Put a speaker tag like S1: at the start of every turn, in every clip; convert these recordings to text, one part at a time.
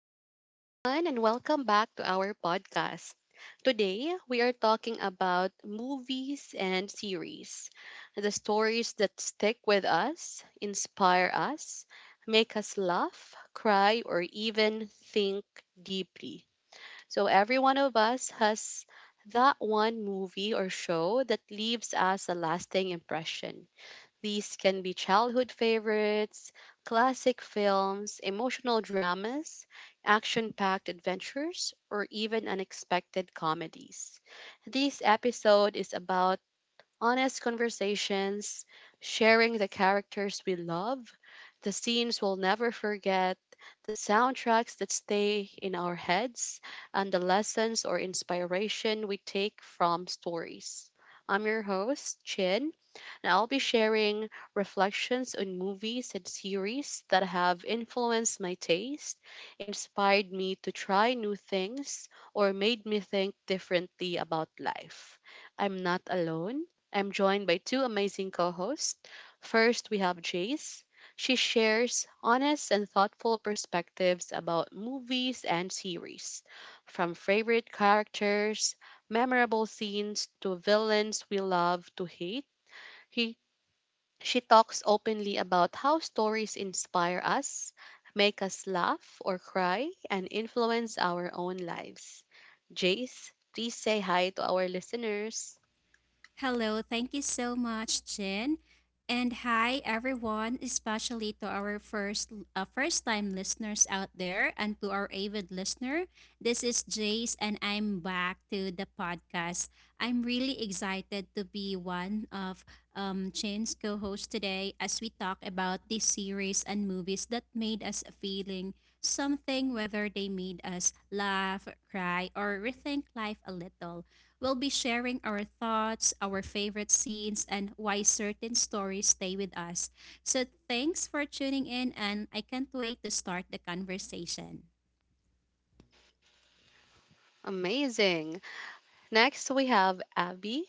S1: Hi, everyone, and welcome back to our podcast. Today, we are talking about movies and series, the stories that stick with us, inspire us, make us laugh, cry, or even think deeply. So, every one of us has that one movie or show that leaves us a lasting impression. These can be childhood favorites, classic films, emotional dramas, action packed adventures, or even unexpected comedies. This episode is about honest conversations, sharing the characters we love, the scenes we'll never forget, the soundtracks that stay in our heads, and the lessons or inspiration we take from stories. I'm your host, Chin, and I'll be sharing reflections on movies and series that have influenced my taste, inspired me to try new things, or made me think differently about life. I'm not alone. I'm joined by two amazing co hosts. First, we have Jace. She shares honest and thoughtful perspectives about movies and series, from favorite characters, memorable scenes, to villains we love to hate. He she talks openly about how stories inspire us, make us laugh or cry, and influence our own lives. Jace, please say hi to our listeners.
S2: Hello, thank you so much, Jen. And hi everyone, especially to our first first-time listeners out there and to our avid listener. This is Jace and I'm back to the podcast. I'm really excited to be one of Jen's co-hosts today as we talk about these series and movies that made us feeling something, whether they made us laugh, cry or rethink life a little. We'll be sharing our thoughts, our favorite scenes, and why certain stories stay with us. So, thanks for tuning in, and I can't wait to start the conversation.
S1: Amazing. Next, we have Abby.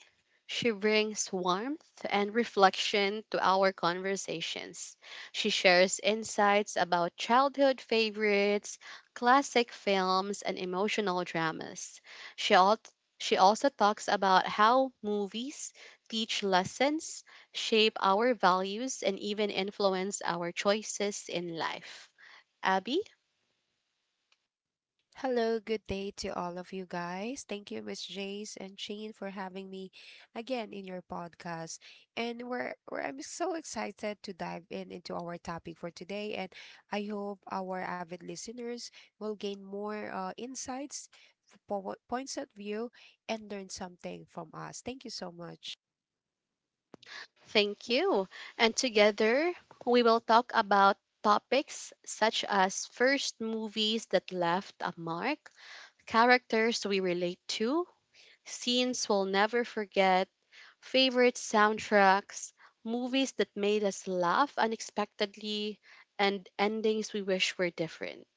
S1: She brings warmth and reflection to our conversations. She shares insights about childhood favorites, classic films, and emotional dramas. She, al- she also talks about how movies teach lessons, shape our values, and even influence our choices in life. Abby.
S3: Hello, good day to all of you guys. Thank you, Miss Jace and Shane, for having me again in your podcast. And we're I'm so excited to dive in into our topic for today. And I hope our avid listeners will gain more insights, points of view, and learn something from us. Thank you so much.
S1: Thank you. And together, we will talk about topics such as first movies that left a mark, characters we relate to, scenes we'll never forget, favorite soundtracks, movies that made us laugh unexpectedly, and endings we wish were different.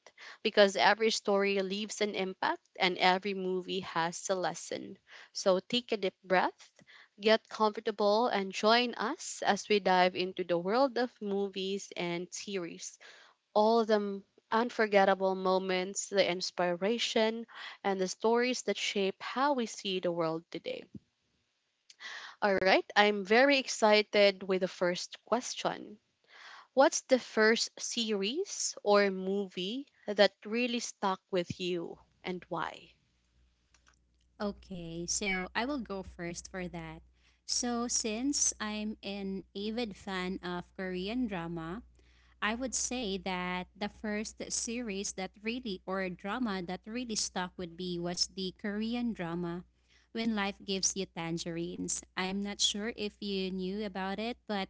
S1: Because every story leaves an impact and every movie has a lesson. So take a deep breath, get comfortable, and join us as we dive into the world of movies and series. All the unforgettable moments, the inspiration, and the stories that shape how we see the world today. All right, I'm very excited with the first question. What's the first series or movie that really stuck with you and why?
S2: Okay, so I will go first for that. So, since I'm an avid fan of Korean drama, I would say that the first series that really, or drama that really stuck with me was the Korean drama, When Life Gives You Tangerines. I'm not sure if you knew about it, but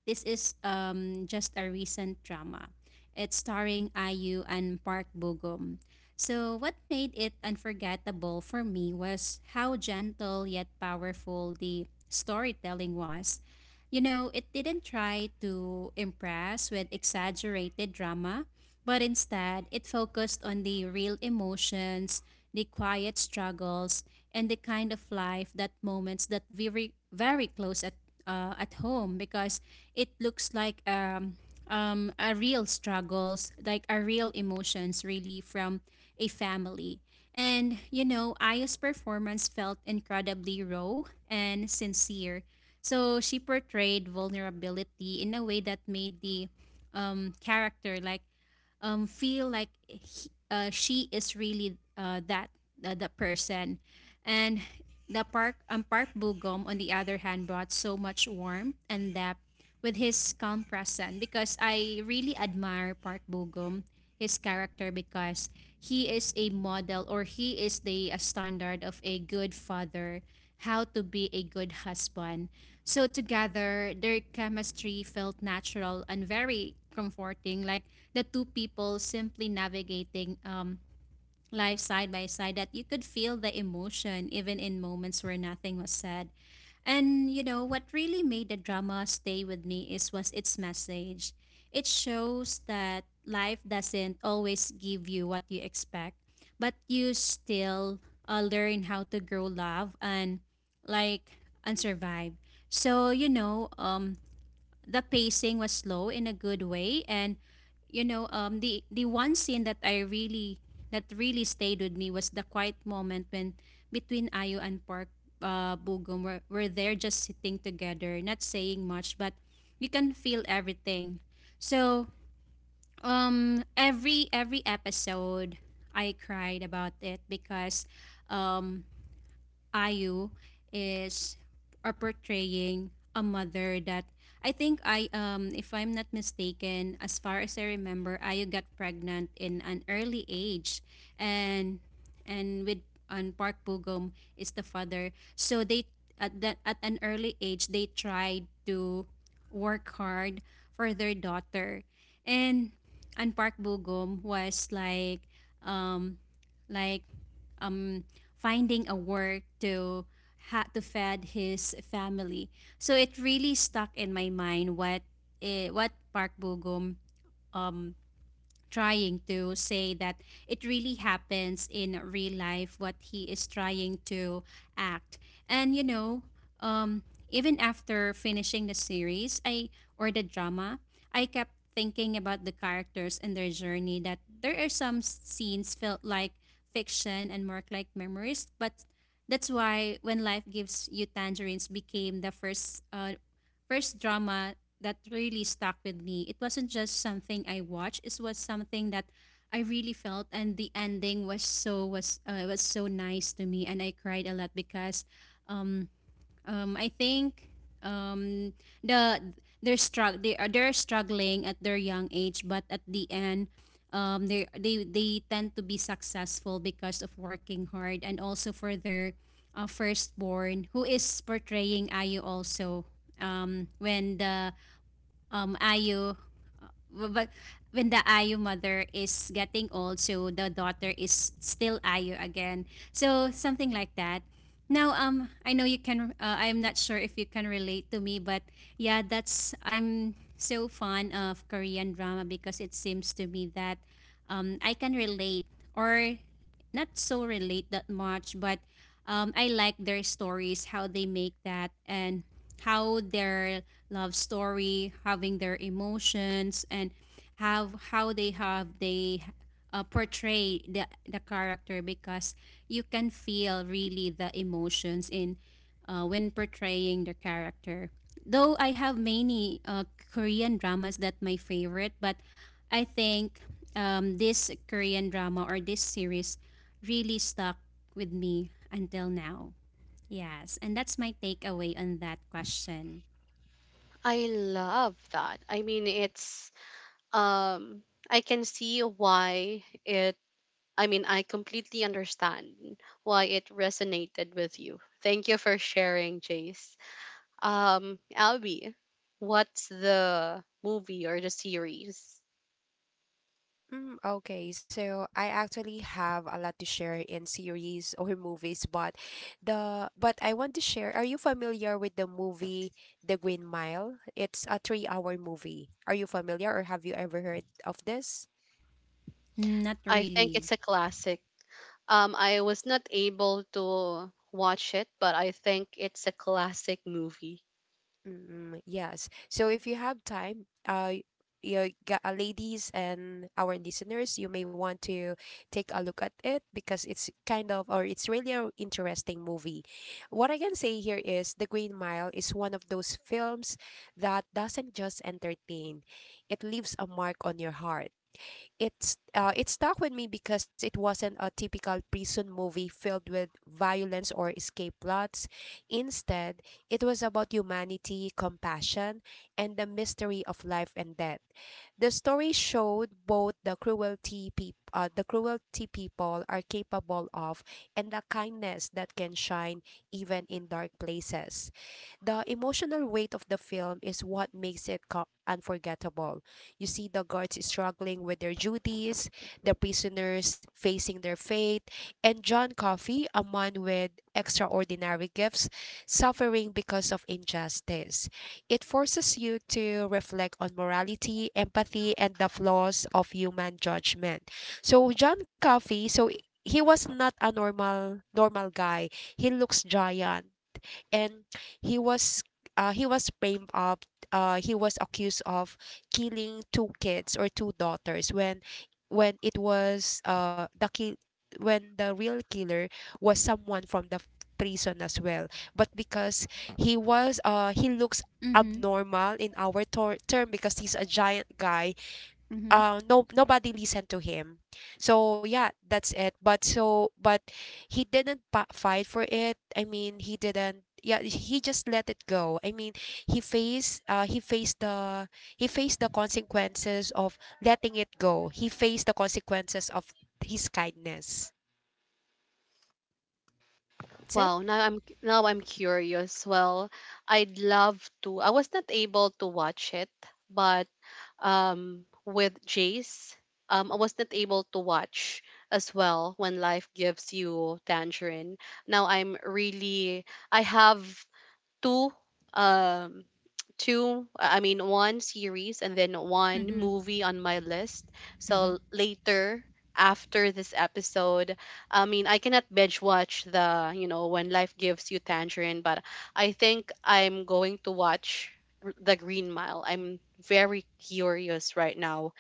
S2: this is just a recent drama. It's starring IU and Park Bo Gum. So, what made it unforgettable for me was how gentle yet powerful the storytelling was. You know, it didn't try to impress with exaggerated drama, but instead it focused on the real emotions, the quiet struggles, and the kind of life that moments that very close at home, because it looks like a real struggles like a real emotions really from a family. And you know, Aya's performance felt incredibly raw and sincere, so she portrayed vulnerability in a way that made the character like, feel like she is really, that, the person. And the park Park Bugum on the other hand brought so much warmth and depth with his calm presence, because I really admire Park Bugum, his character, because he is a model or he is the a standard of a good father, how to be a good husband. So together, their chemistry felt natural and very comforting, like the two people simply navigating, life side by side, that you could feel the emotion even in moments where nothing was said. And you know, what really made the drama stay with me is was its message. It shows that life doesn't always give you what you expect, but you still, learn how to grow love and like and survive. So, you know, the pacing was slow in a good way. And you know the one scene that I really that really stayed with me was the quiet moment when between Ayo and Park Bugum, were there just sitting together, not saying much, but you can feel everything. So every episode I cried about it, because um Ayu is are portraying a mother that I think I if I'm not mistaken, as far as I remember, Ayu got pregnant in an early age, and and with on, Park Bugum is the father. So they at that at an early age they tried to work hard for their daughter. And and Park Bugum was like, um like, um finding a work to to fed his family. So it really stuck in my mind what Park Bo Gum um trying to say that it really happens in real life what he is trying to act. And you know, um even after finishing the series, I or the drama, I kept thinking about the characters and their journey, that there are some scenes felt like fiction and more like memories. But that's why When Life Gives You Tangerines became the first, first drama that really stuck with me. It wasn't just something I watched; it was something that I really felt, and the ending was so nice to me, and I cried a lot because, um, I think, um, the they're struggling at their young age, but at the end. They tend to be successful because of working hard, and also for their, firstborn who is portraying Ayu also. When the Ayo, but when the Ayo mother is getting old, so the daughter is still Ayo again, so something like that. Now I know you can, I'm not sure if you can relate to me, but yeah, that's, I'm so fond of Korean drama, because it seems to me that I can relate, or not so relate that much, but I like their stories, how they make that, and how their love story, having their emotions, and have how they have they portray the character, because you can feel really the emotions in, when portraying the character. Though I have many, Korean dramas that my favorite, but I think, this Korean drama or this series really stuck with me until now. Yes, and that's my takeaway on that question.
S1: I love that. I mean, it's um I can see why it I mean, I completely understand why it resonated with you. Thank you for sharing, Jace. Albie, what's the movie or the series?
S3: Okay, so I actually have a lot to share in series or movies, but the but I want to share. Are you familiar with the movie The Green Mile? It's a three-hour movie. Are you familiar or have you ever heard of this?
S2: Not
S1: I think
S2: really.
S1: it's a classic. I was not able to watch it, but I think it's a classic movie.
S3: Mm, yes. So if you have time, you got, ladies and our listeners, you may want to take a look at it because it's kind of or it's really an interesting movie. What I can say here is The Green Mile is one of those films that doesn't just entertain; it leaves a mark on your heart. It stuck with me because it wasn't a typical prison movie filled with violence or escape plots. Instead, it was about humanity, compassion, and the mystery of life and death. The story showed both the the cruelty people are capable of and the kindness that can shine even in dark places. The emotional weight of the film is what makes it unforgettable. You see the guards struggling with their duties, the prisoners facing their fate, and John Coffey, a man with extraordinary gifts, suffering because of injustice. It forces you to reflect on morality, empathy, and the flaws of human judgment. So John Coffey, so he was not a normal guy. He looks giant, and he was he was framed up. He was accused of killing two kids or two daughters when it was the kill when the real killer was someone from the prison as well. But because he was he looks
S2: Mm-hmm.
S3: abnormal in our term, because he's a giant guy,
S2: Mm-hmm.
S3: no, nobody listened to him. So yeah, that's it. But he didn't fight for it. I mean, he didn't, yeah, he just let it go. I mean, he faced the consequences of letting it go. He faced the consequences of his kindness. That's it.
S1: Wow, now I'm curious. Well, I'd love to. I was not able to watch it, but with Jace, I was not able to watch as well when life gives you tangerine. Now I have two um two, I mean, one series and then one
S2: Mm-hmm.
S1: movie on my list.
S2: Mm-hmm.
S1: So later, after this episode, I mean, I cannot binge watch the, you know, when life gives you tangerine, but I think I'm going to watch The Green Mile. I'm very curious right now.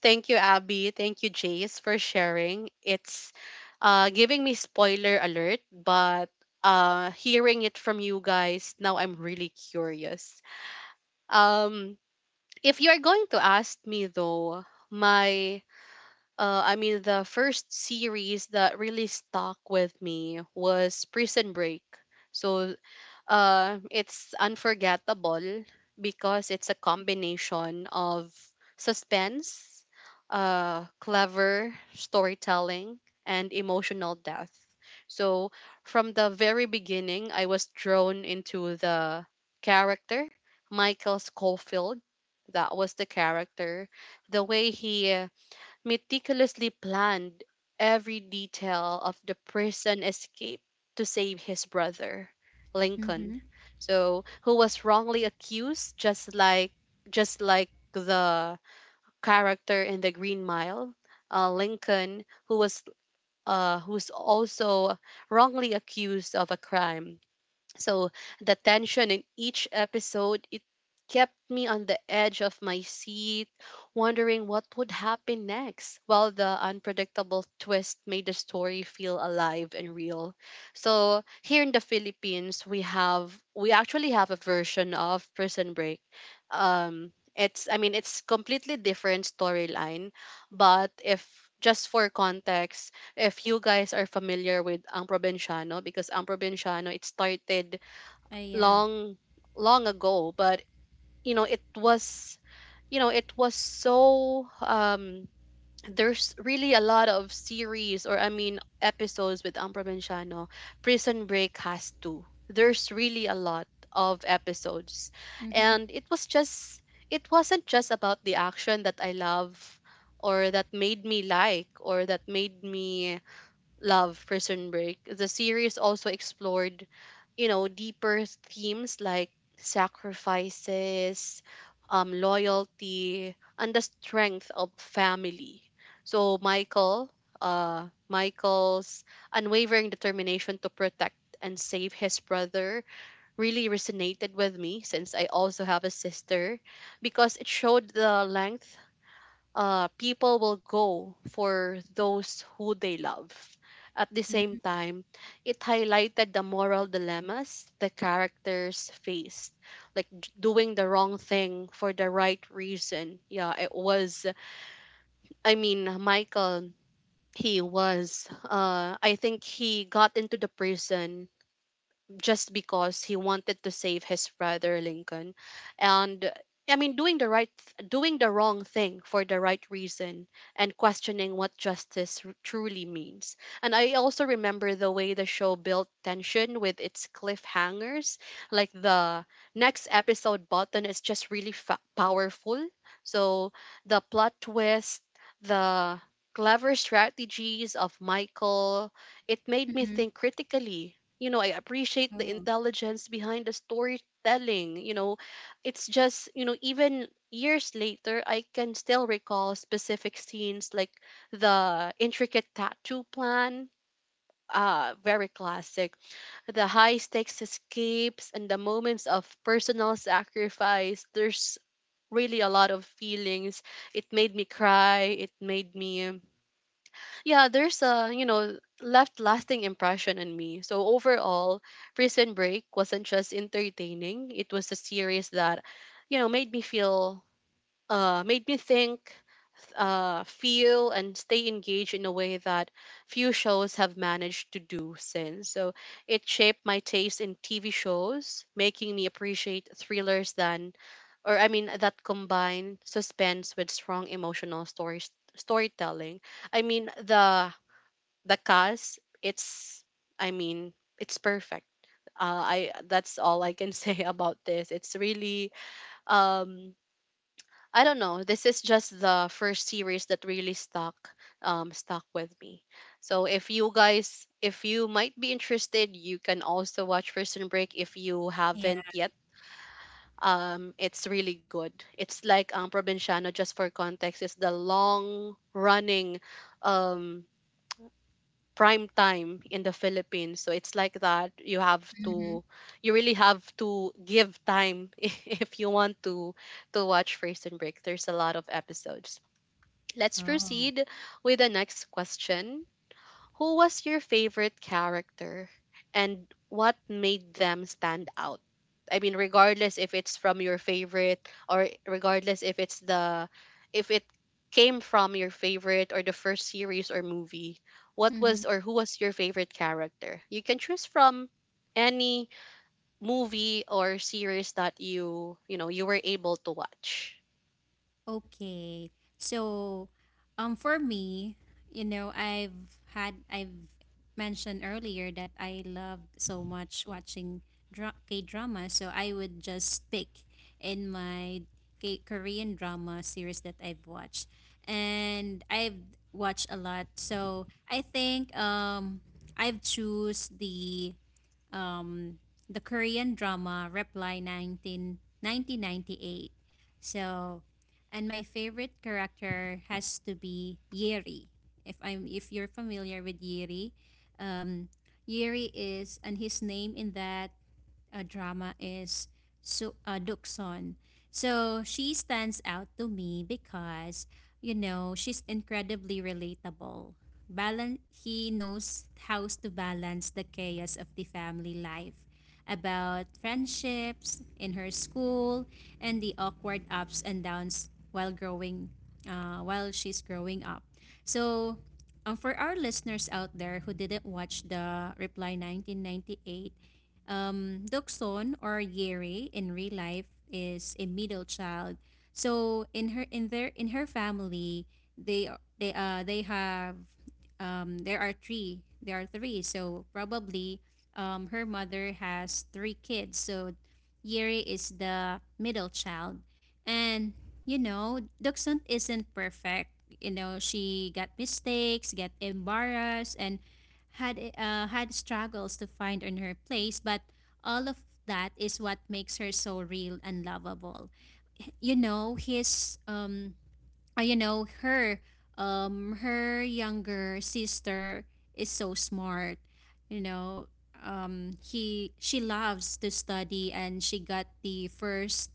S1: Thank you, Abby, thank you, Jace, for sharing. It's giving me spoiler alert, but hearing it from you guys, now I'm really curious. um, if you're going to ask me though, my I mean, the first series that really stuck with me was Prison Break. So it's unforgettable because it's a combination of suspense, clever storytelling, and emotional depth. So, from the very beginning, I was drawn into the character, Michael Schofield. That was the character. The way he meticulously planned every detail of the prison escape to save his brother,
S2: Mm-hmm.
S1: Lincoln. So, who was wrongly accused, just like the character in The Green Mile, Lincoln, who was who's also wrongly accused of a crime. So the tension in each episode, it kept me on the edge of my seat, wondering what would happen next, while the unpredictable twist made the story feel alive and real. So here in the Philippines, we have, we actually have a version of Prison Break. It's, I mean, it's completely different storyline, but, if just for context, if you guys are familiar with Ang Provinciano, because Ang Provinciano, it started
S2: Yeah.
S1: long long ago. But you know it was it was so, there's really a lot of series, or I mean, episodes with Ang Provinciano. Prison Break has two, there's really a lot of episodes,
S2: Mm-hmm.
S1: and it was just, it wasn't just about the action that I love, or that made me like or that made me love Prison Break. The series also explored, you know, deeper themes like sacrifices, loyalty, and the strength of family. So Michael's unwavering determination to protect and save his brother really resonated with me, since I also have a sister, because it showed the length people will go for those who they love. At the same
S2: Mm-hmm.
S1: time, it highlighted the moral dilemmas the characters faced, like doing the wrong thing for the right reason. Yeah, it was, I mean, Michael, I think he got into the prison just because he wanted to save his brother Lincoln. And I mean, doing the wrong thing for the right reason, and questioning what justice truly means. And I also remember the way the show built tension with its cliffhangers. Like the next episode button is just really powerful. So the plot twist, the clever strategies of Michael, it made me
S2: Mm-hmm.
S1: think critically. I appreciate the
S2: Oh.
S1: intelligence behind the storytelling. It's just, even years later, I can still recall specific scenes like the intricate tattoo plan. Very classic. The high stakes escapes and the moments of personal sacrifice. There's really a lot of feelings. It made me cry. It made me, yeah, there's a, left lasting impression on me. So overall, Prison Break wasn't just entertaining, it was a series that, made me feel, made me think, feel, and stay engaged in a way that few shows have managed to do since. So it shaped my taste in TV shows, making me appreciate thrillers, than or I mean, that combine suspense with strong emotional stories storytelling. I mean, the cast, it's I mean, it's perfect. I That's all I can say about this. It's really, um I don't know, this is just the first series that really stuck with me. So if you might be interested, you can also watch Prison Break if you
S2: Yeah.
S1: haven't yet. It's really good. It's like, Provinciano, just for context, it's the long running, um prime time in the Philippines. So it's like that.
S2: Mm-hmm.
S1: You really have to give time if you want to watch First and Break. There's a lot of episodes. Let's
S2: Oh.
S1: proceed with the next question. Who was your favorite character and what made them stand out? I mean, regardless if it's from your favorite, or regardless if it came from your favorite or the first series or movie, what
S2: Mm-hmm.
S1: was or who was your favorite character? You can choose from any movie or series that you were able to watch.
S2: Okay. So, for me, you know, I've mentioned earlier that I loved so much watching K drama, so I would just pick in my K- Korean drama series that I've watched, and I've watched a lot. So I think I've choose um, the Korean drama Reply nineteen ninety eight. So, and my favorite character has to be Yeri. If you're familiar with Yeri, um, Yeri is, and his name in that, drama is Dukson. So she stands out to me because, you know, she's incredibly relatable. He knows how to balance the chaos of the family life, about friendships in her school, and the awkward ups and downs while growing, while she's growing up. So for our listeners out there who didn't watch the Reply 1998, Dokson or Yeri in real life is a middle child. So in her family, they have, there are three, So probably her mother has three kids. So Yeri is the middle child, and you know, Dokson isn't perfect. You know, she got mistakes, got embarrassed, and had struggles to find in her place, but all of that is what makes her so real and lovable. You know, his you know, her younger sister is so smart. You know, he she loves to study, and she got the first,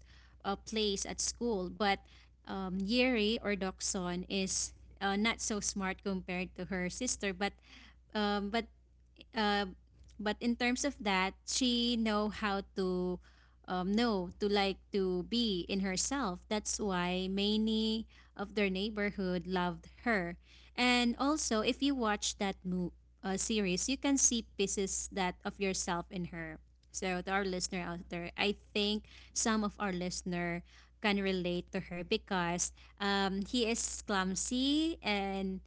S2: place at school. But Yeri or Dokson is, not so smart compared to her sister, but um, but uh, but in terms of that, she know how to, know to like to be in herself. That's why many of their neighborhood loved her. And also, if you watch that, series, you can see pieces that of yourself in her. So to our listener out there, I think some of our listener can relate to her because he is clumsy and,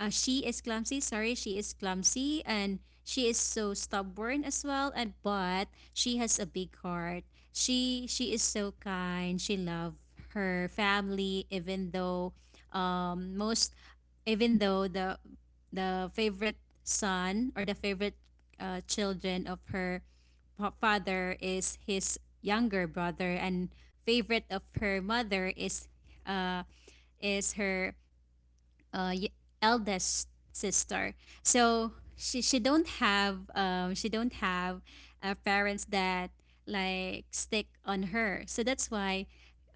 S2: she is clumsy. Sorry, she is clumsy, and she is so stubborn as well, and but she has a big heart. She is so kind. She love her family, even though, most even though the favorite son or the favorite, children of her, father is his younger brother, and favorite of her mother is, uh her, uh, y- eldest sister. So she don't have, parents that like stick on her. So that's why.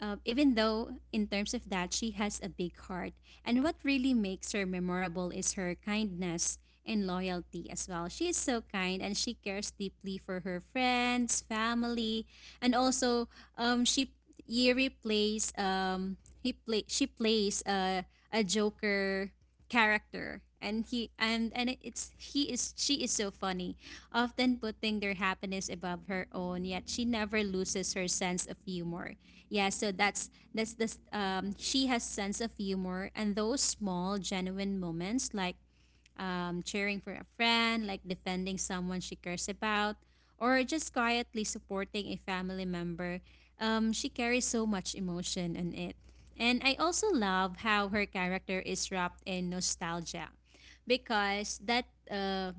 S2: Even though in terms of that, she has a big heart, and what really makes her memorable is her kindness and loyalty as well. She is so kind, and she cares deeply for her friends, family. And also, she, Yuri plays, he play she plays a Joker character, and he and it's he is she is so funny, often putting their happiness above her own, yet she never loses her sense of humor. Yeah, so that's the, she has sense of humor, and those small genuine moments like, cheering for a friend, like defending someone she cares about, or just quietly supporting a family member, she carries so much emotion in it. And I also love how her character is wrapped in nostalgia, because that, uh,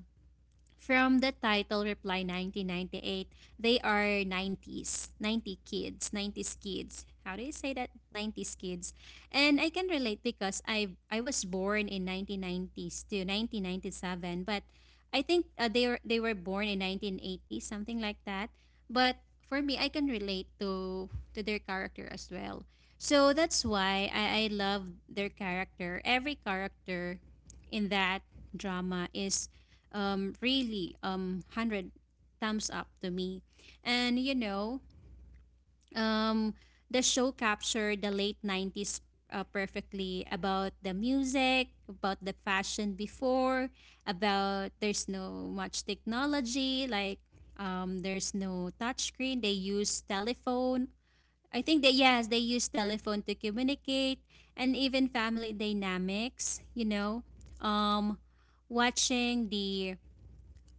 S2: from the title Reply 1998, they are 90s, 90 kids, 90s kids. How do you say that? 90s kids. And I can relate because I was born in 1990s to 1997, but I think, they were born in 1980, something like that. But for me, I can relate to their character as well. So that's why I love their character. Every character in that drama is, really, 100 thumbs up to me. And you know, um, the show captured the late 90s perfectly about the music, about the fashion before, about there's no much technology, like there's no touchscreen. They use telephone. I think that yes, they use telephone to communicate and even family dynamics, Um, watching the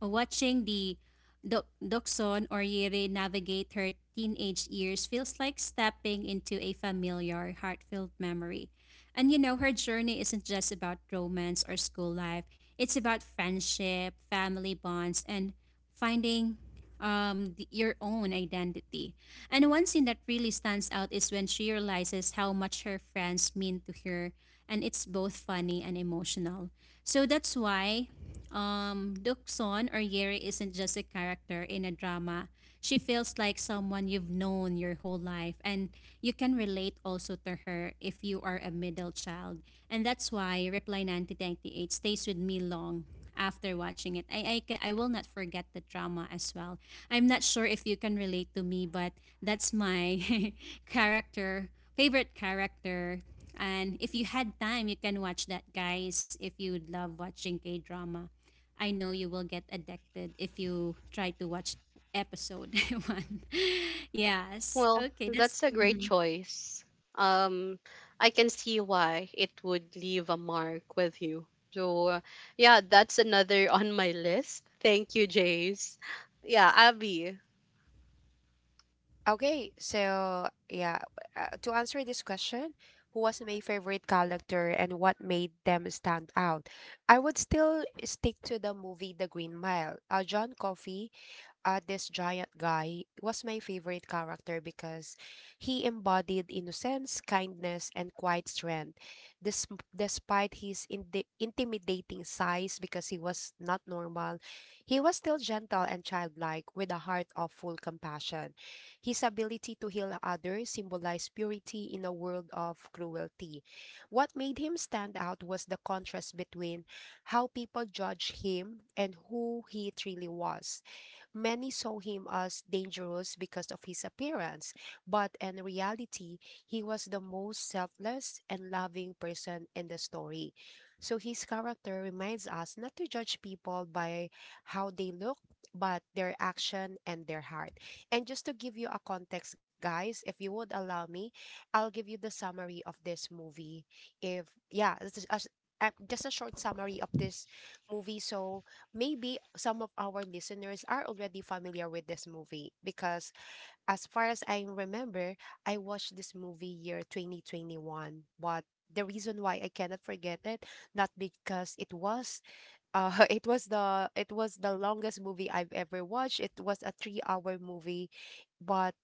S2: Watching Dokson or Yiri navigate her teenage years feels like stepping into a familiar, heartfelt memory. And you know, her journey isn't just about romance or school life, it's about friendship, family bonds, and finding your own identity. And one scene that really stands out is when she realizes how much her friends mean to her, and it's both funny and emotional. So that's why Dukson or Yeri isn't just a character in a drama. She feels like someone you've known your whole life, and you can relate also to her if you are a middle child. And that's why Reply 1998 stays with me long after watching it. I will not forget the drama as well. I'm not sure if you can relate to me, but that's my character, favorite character, and if you had time, you can watch that, guys, if you would love watching K drama. I know you will get addicted if you try to watch episode one. Yes.
S1: Well,
S2: Okay. That's.
S1: that's a great
S2: Mm-hmm.
S1: choice. Um, I can see why it would leave a mark with you. So, yeah, that's another on my list. Thank you, Jace. Yeah, Abby,
S3: Okay, so yeah, to answer this question, who was my favorite character and what made them stand out? I would still stick to the movie The Green Mile. John Coffey, this giant guy, was my favorite character because he embodied innocence, kindness, and quiet strength. This, despite his intimidating size, because he was not normal, he was still gentle and childlike with a heart of full compassion. His ability to heal others symbolized purity in a world of cruelty. What made him stand out was the contrast between how people judged him and who he truly was. Many saw him as dangerous because of his appearance, but in reality, he was the most selfless and loving person in the story. So his character reminds us not to judge people by how they look, but their action and their heart. And just to give you a context, guys, if you would allow me, I'll give you the summary of this movie. If yeah, this is a s- a- Just a short summary of this movie. So maybe some of our listeners are already familiar with this movie because as far as I remember, I watched this movie year 2021. But the reason why I cannot forget it, not because it was it was the longest movie I've ever watched. It was a 3-hour movie, but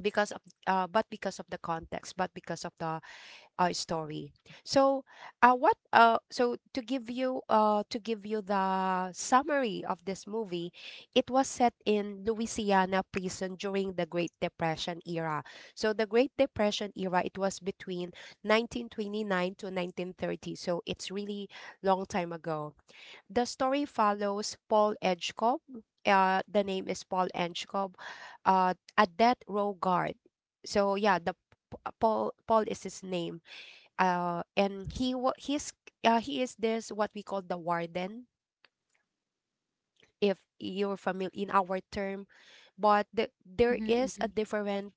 S3: because of the context, but because of the story. So, what? So to give you the summary of this movie, it was set in Louisiana prison during the Great Depression era. So the Great Depression era, it was between 1929 to 1930. So it's really long time ago. The story follows Paul Edgecombe. The name is Paul Edgecombe, a death row guard. So yeah, the Paul is his name. He's he is this what we call the warden, if you're familiar in our term. But the, there is a
S2: Mm-hmm.
S3: different,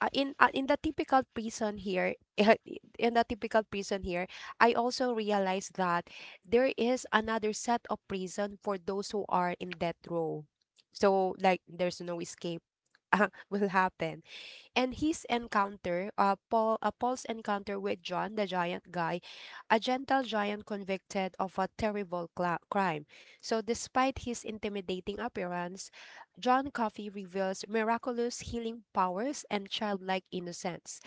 S3: in the typical prison here, in the typical prison here I also realized that there is another set of prison for those who are in death row. So like, there's no escape will happen. And his encounter, Paul's encounter with John, the giant guy, a gentle giant convicted of a terrible cla crime. So, despite his intimidating appearance, John Coffey reveals miraculous healing powers and childlike innocence.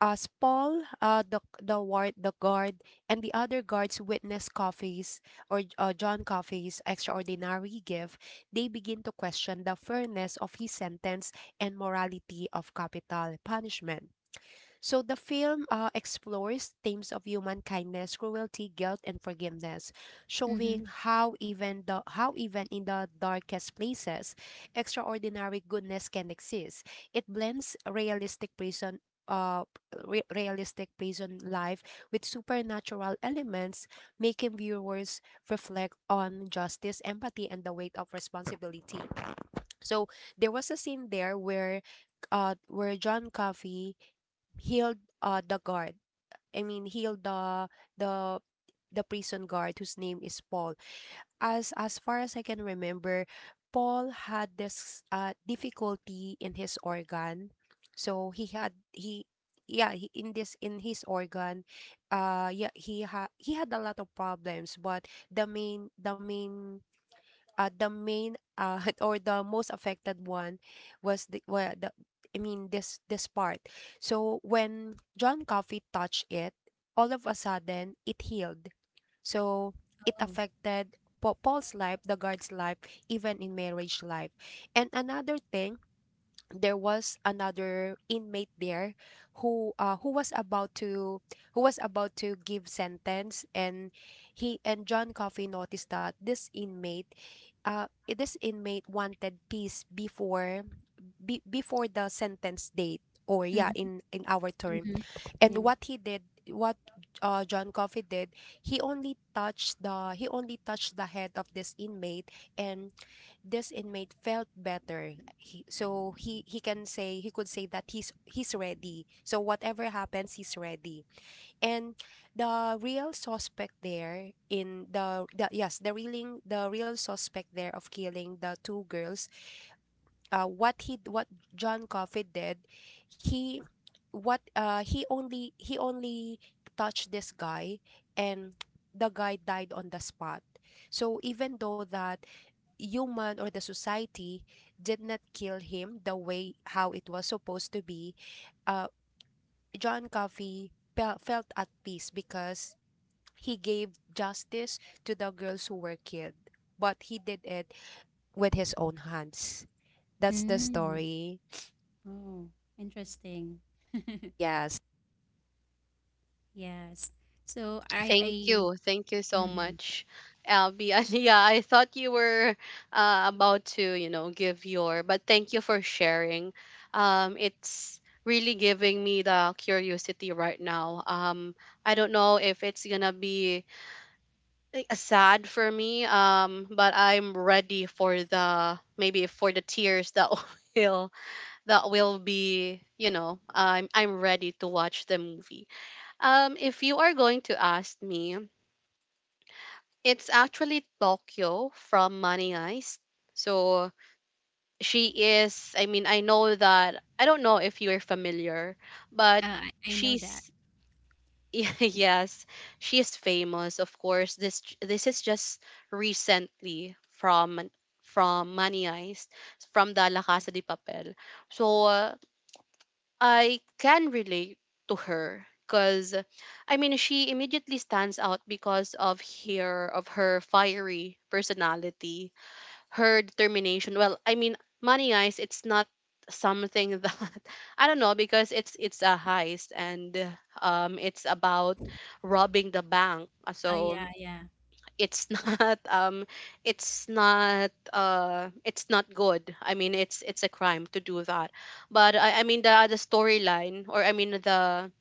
S3: As Paul, the the guard, and the other guards witness Coffey's or John Coffey's extraordinary gift. They begin to question the fairness of his sentence and morality of capital punishment. So the film explores themes of human kindness, cruelty, guilt, and forgiveness,
S2: Mm-hmm.
S3: showing
S2: Mm-hmm.
S3: how even in the darkest places, extraordinary goodness can exist. It blends realistic prison. Uh, Realistic prison life with supernatural elements, making viewers reflect on justice, empathy, and the weight of responsibility. So there was a scene there where John Coffey healed the guard. I mean, healed the the the prison guard whose name is Paul. As far as I can remember, Paul had this difficulty in his organ. So he had he yeah, he, in this in his organ, yeah, he had a lot of problems, but the main the main the main or the most affected one was the, well, the I mean this this part. So when John Coffey touched it, all of a sudden it healed. So it
S2: Oh.
S3: affected Paul's life, the guard's life, even in marriage life. And another thing, there was another inmate there who was about to give sentence. And he and John Coffey noticed that this inmate, this inmate wanted peace before, be, before the sentence date, or yeah,
S2: Mm-hmm.
S3: in our term.
S2: Mm-hmm. Yeah.
S3: And what he did what John Coffey did, he only touched the head of this inmate, and this inmate felt better. He, so he can say He could say that he's ready, so whatever happens he's ready. And the real suspect there in the yes the reeling the real suspect there of killing the two girls, what he what John Coffey did, he what he only touched this guy, and the guy died on the spot. So even though that human or the society did not kill him the way how it was supposed to be, uh John Coffey felt at peace because he gave justice to the girls who were killed, but he did it with his own hands. That's the
S2: Mm.
S3: story.
S2: Oh. Interesting.
S3: Yes.
S2: Yes. So I
S1: thank
S2: I
S1: you. Thank you so
S2: Mm-hmm.
S1: much, Abby. And yeah, I thought you were about to, give your, but thank you for sharing. It's really giving me the curiosity right now. I don't know if it's gonna be like, sad for me, but I'm ready for the, maybe for the tears that will, that will be, you know, I'm ready to watch the movie. If you are going to ask me, it's actually Tokyo from Money Heist. So she is I mean, I know that, I don't know if you're familiar, but
S2: I know that.
S1: she's, yeah, yes, she is famous. Of course, this, this is just recently from Money Heist, from the La Casa de Papel. So I can relate to her, because I mean, she immediately stands out because of her, fiery personality, her determination. Well, I mean, Money Heist, it's not something that, I don't know, because it's a heist, and it's about robbing the bank.
S2: Oh,
S1: So
S2: yeah, yeah.
S1: it's not, it's not good. I mean, it's a crime to do that. But I mean, the storyline, or I mean, the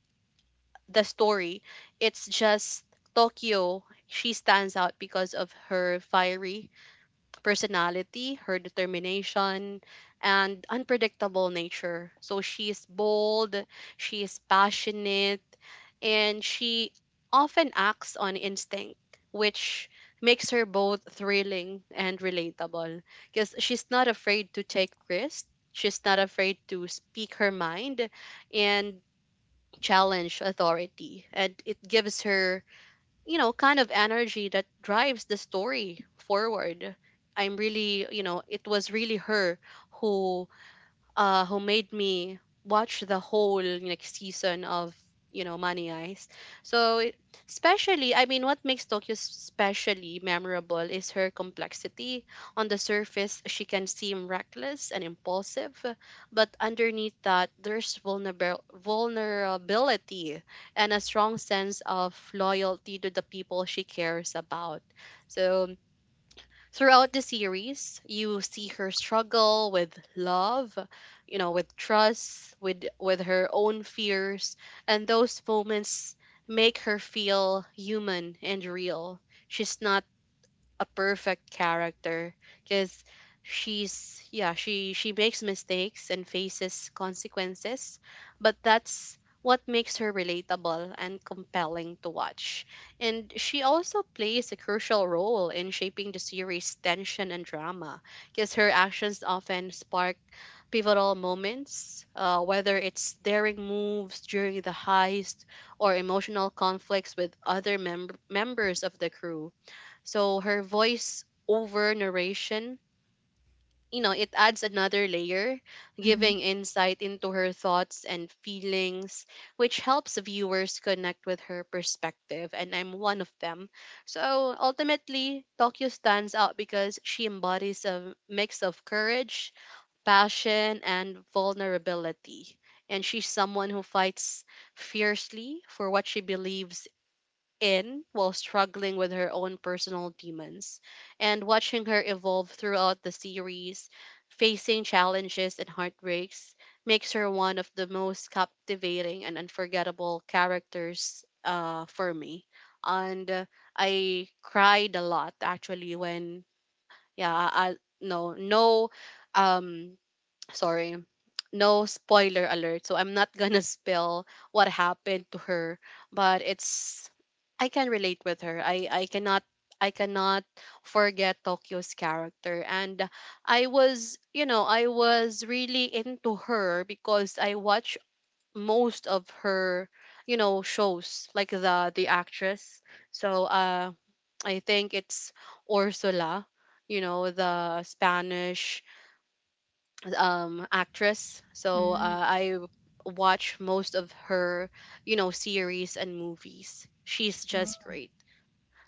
S1: the story, it's just, Tokyo, she stands out because of her fiery personality, her determination, and unpredictable nature. So she is bold, she is passionate, and she often acts on instinct, which makes her both thrilling and relatable, because she's not afraid to take risks. She's not afraid to speak her mind and challenge authority. And it gives her kind of energy that drives the story forward. I'm really you know it was really her who who made me watch the whole season of Money Eyes. So especially, what makes Tokyo especially memorable is her complexity. On the surface, she can seem reckless and impulsive, but underneath that, there's vulnerable vulnerability and a strong sense of loyalty to the people she cares about. So Throughout the series, you see her struggle with love, with trust, with her own fears, and those moments make her feel human and real. She's not a perfect character because she makes mistakes and faces consequences, but that's what makes her relatable and compelling to watch. And she also plays a crucial role in shaping the series tension and drama because her actions often spark pivotal moments, whether it's daring moves during the heist or emotional conflicts with other members of the crew. So her voice over narration, it adds another layer,
S2: Mm-hmm.
S1: giving insight into her thoughts and feelings, which helps viewers connect with her perspective. And I'm one of them. So ultimately, Tokyo stands out because she embodies a mix of courage, passion, and vulnerability. And she's someone who fights fiercely for what she believes in while struggling with her own personal demons. And watching her evolve throughout the series, facing challenges and heartbreaks, makes her one of the most captivating and unforgettable characters, for me. And I cried a lot actually when, yeah, no, no, um sorry, no spoiler alert, so I'm not gonna spill what happened to her. But it's, I can relate with her. I cannot forget Tokyo's character. And I was, I was really into her because I watch most of her, shows, like the actress. So I think it's Ursula, you know, the Spanish actress. So
S2: Mm.
S1: I watch most of her, series and movies. She's just
S2: Oh.
S1: great.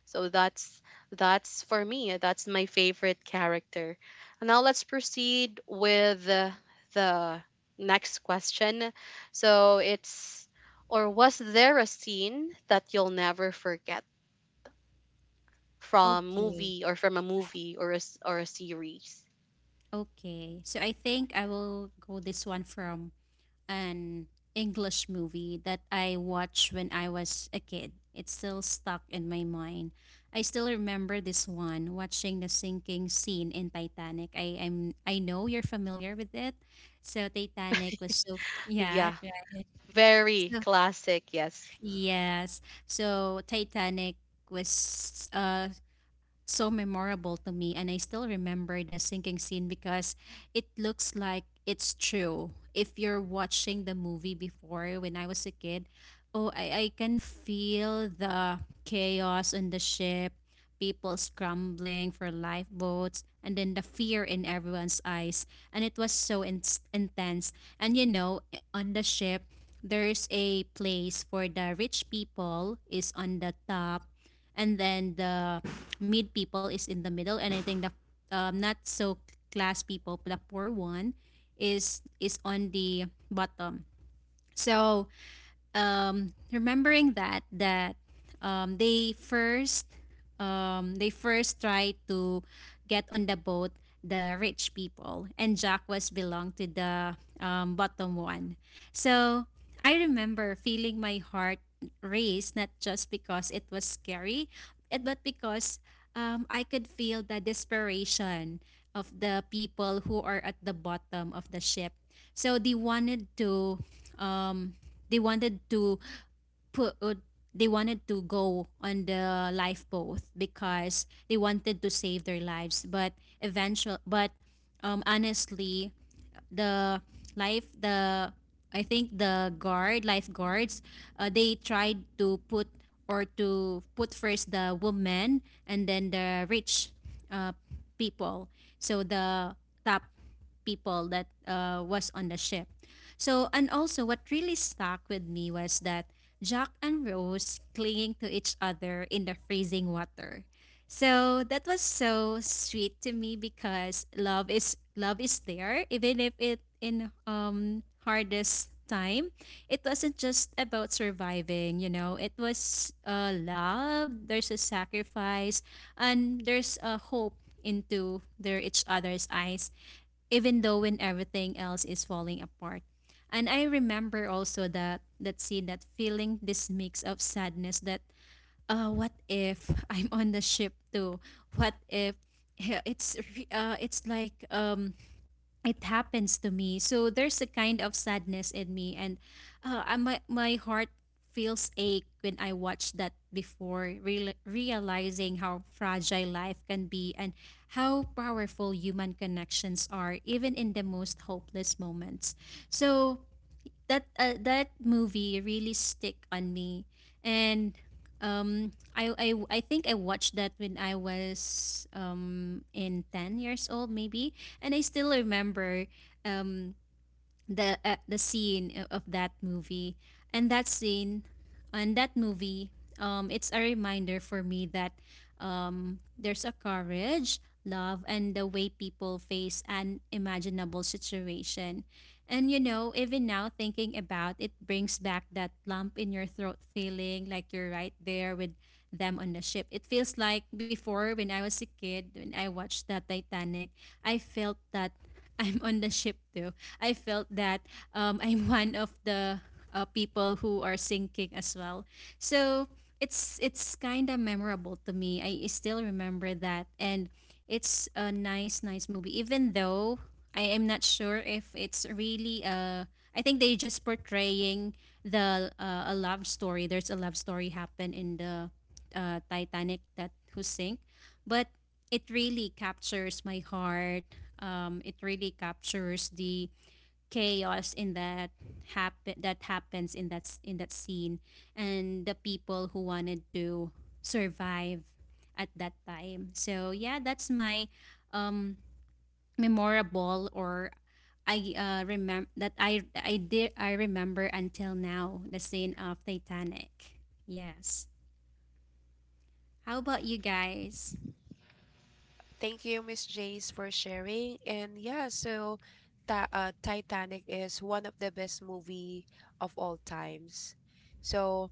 S1: So that's for me, that's my favorite character. Now let's proceed with the next question. So it's Or was there a scene that you'll never forget from
S2: Okay.
S1: movie or from a movie or a series?
S2: Okay, so I think I will go this one from an English movie that I watched when I was a kid. It's still stuck in my mind. I still remember this one, watching the sinking scene in Titanic. I know you're familiar with it. So Titanic was so, yeah,
S1: Yeah.
S2: right.
S1: Very
S2: So
S1: classic, yes.
S2: yes. So Titanic was so memorable to me, and I still remember the sinking scene because it looks like it's true. If you're watching the movie before when I was a kid, I can feel the chaos on the ship, people scrambling for lifeboats, and then the fear in everyone's eyes. And it was so intense. And you know, on the ship there's a place for the rich people is on the top, and then the mid people is in the middle, and I think the not so class people, the poor one is on the bottom. So remembering that um, they first they first tried to get on the boat, the rich people, and Jack was belonged to the bottom one. So I remember feeling my heart race not just because it was scary, but because I could feel the desperation of the people who are at the bottom of the ship. So um, they wanted to put they wanted to go on the lifeboat because they wanted to save their lives, but eventually, but honestly, the life the I think the guard lifeguards they tried to put or to put first the women, and then the rich uh, people, so the top people that was on the ship. So, and also what really stuck with me was that Jack and Rose clinging to each other in the freezing water. So that was so sweet to me because love is there even if it in hardest time. It wasn't just about surviving, you know, it was love, there's a sacrifice and there's a hope into their each other's eyes even though when everything else is falling apart. And I remember also that that scene, that feeling, this mix of sadness that what if I'm on the ship too? What if yeah, it's it's like it happens to me. So there's a kind of sadness in me, and my heart feels ache when I watch that before, realizing how fragile life can be and how powerful human connections are, even in the most hopeless moments. So that movie really stick on me, and um I think I watched that when I was in 10 years old maybe, and I still remember um the scene of that movie and that scene and that movie. It's a reminder for me that there's a courage, love, and the way people face an imaginable situation. And you know, even now thinking about it brings back that lump in your throat feeling like you're right there with them on the ship. It feels like before, when I was a kid, when I watched the titanic, I felt that I'm on the ship too. I felt that I'm one of the people who are sinking as well. So it's kind of memorable to me. I still remember that, and it's a nice movie. Even though I am not sure if it's really I think they just portraying the a love story. There's a love story happen in the Titanic that who sink, but it really captures my heart. It really captures the chaos in that happens in in that scene and the people who wanted to survive at that time. So yeah, that's my um memorable, or I remember that I remember until now the scene of Titanic. Yes. How about you guys?
S3: Thank you, Miss Jace, for sharing. And yeah, so ta Titanic is one of the best movie of all times. So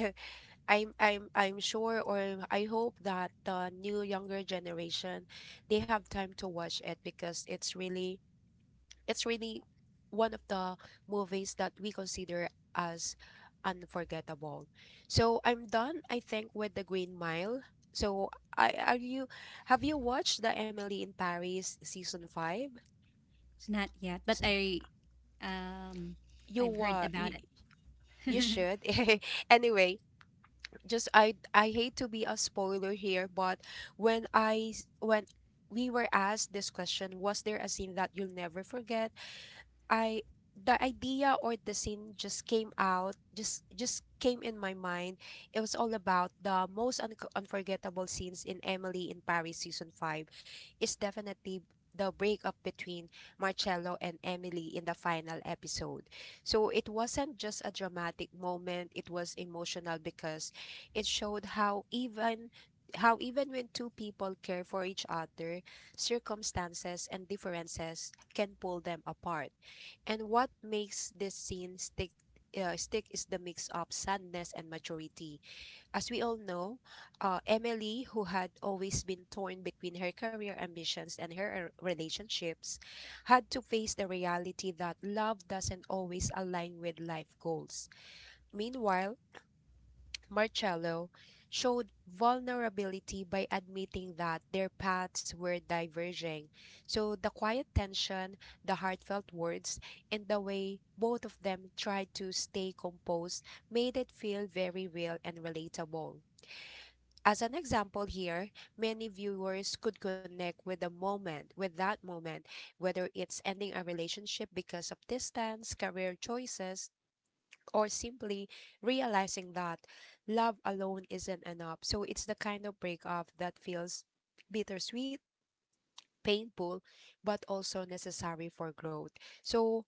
S3: I'm sure, or I hope, that the new younger generation they have time to watch it because it's really one of the movies that we consider as unforgettable. So I'm done, I think, with the Green Mile. So I are you have you watched the Emily in Paris season five?
S2: Not yet, but
S3: S-
S2: um
S3: You
S2: I've heard
S3: wa.
S2: about
S3: you,
S2: it.
S3: you should. Anyway, just I hate to be a spoiler here, but when we were asked this question, was there a scene that you'll never forget? I The idea or the scene just came in my mind. It was all about the most unforgettable scenes in Emily in Paris season 5 is definitely the breakup between Marcello and Emily in the final episode. So it wasn't just a dramatic moment, it was emotional because it showed how even when two people care for each other, circumstances and differences can pull them apart. And what makes this scene stick is the mix of sadness and maturity. As we all know, Emily, who had always been torn between her career ambitions and her relationships, had to face the reality that love doesn't always align with life goals. Meanwhile, Marcello showed vulnerability by admitting that their paths were diverging. So, the quiet tension, the heartfelt words, and the way both of them tried to stay composed made it feel very real and relatable. As an example here, many viewers could connect with the moment, with that moment, whether it's ending a relationship because of distance, career choices, or simply realizing that love alone isn't enough. So it's the kind of breakup that feels bittersweet, painful, but also necessary for growth. So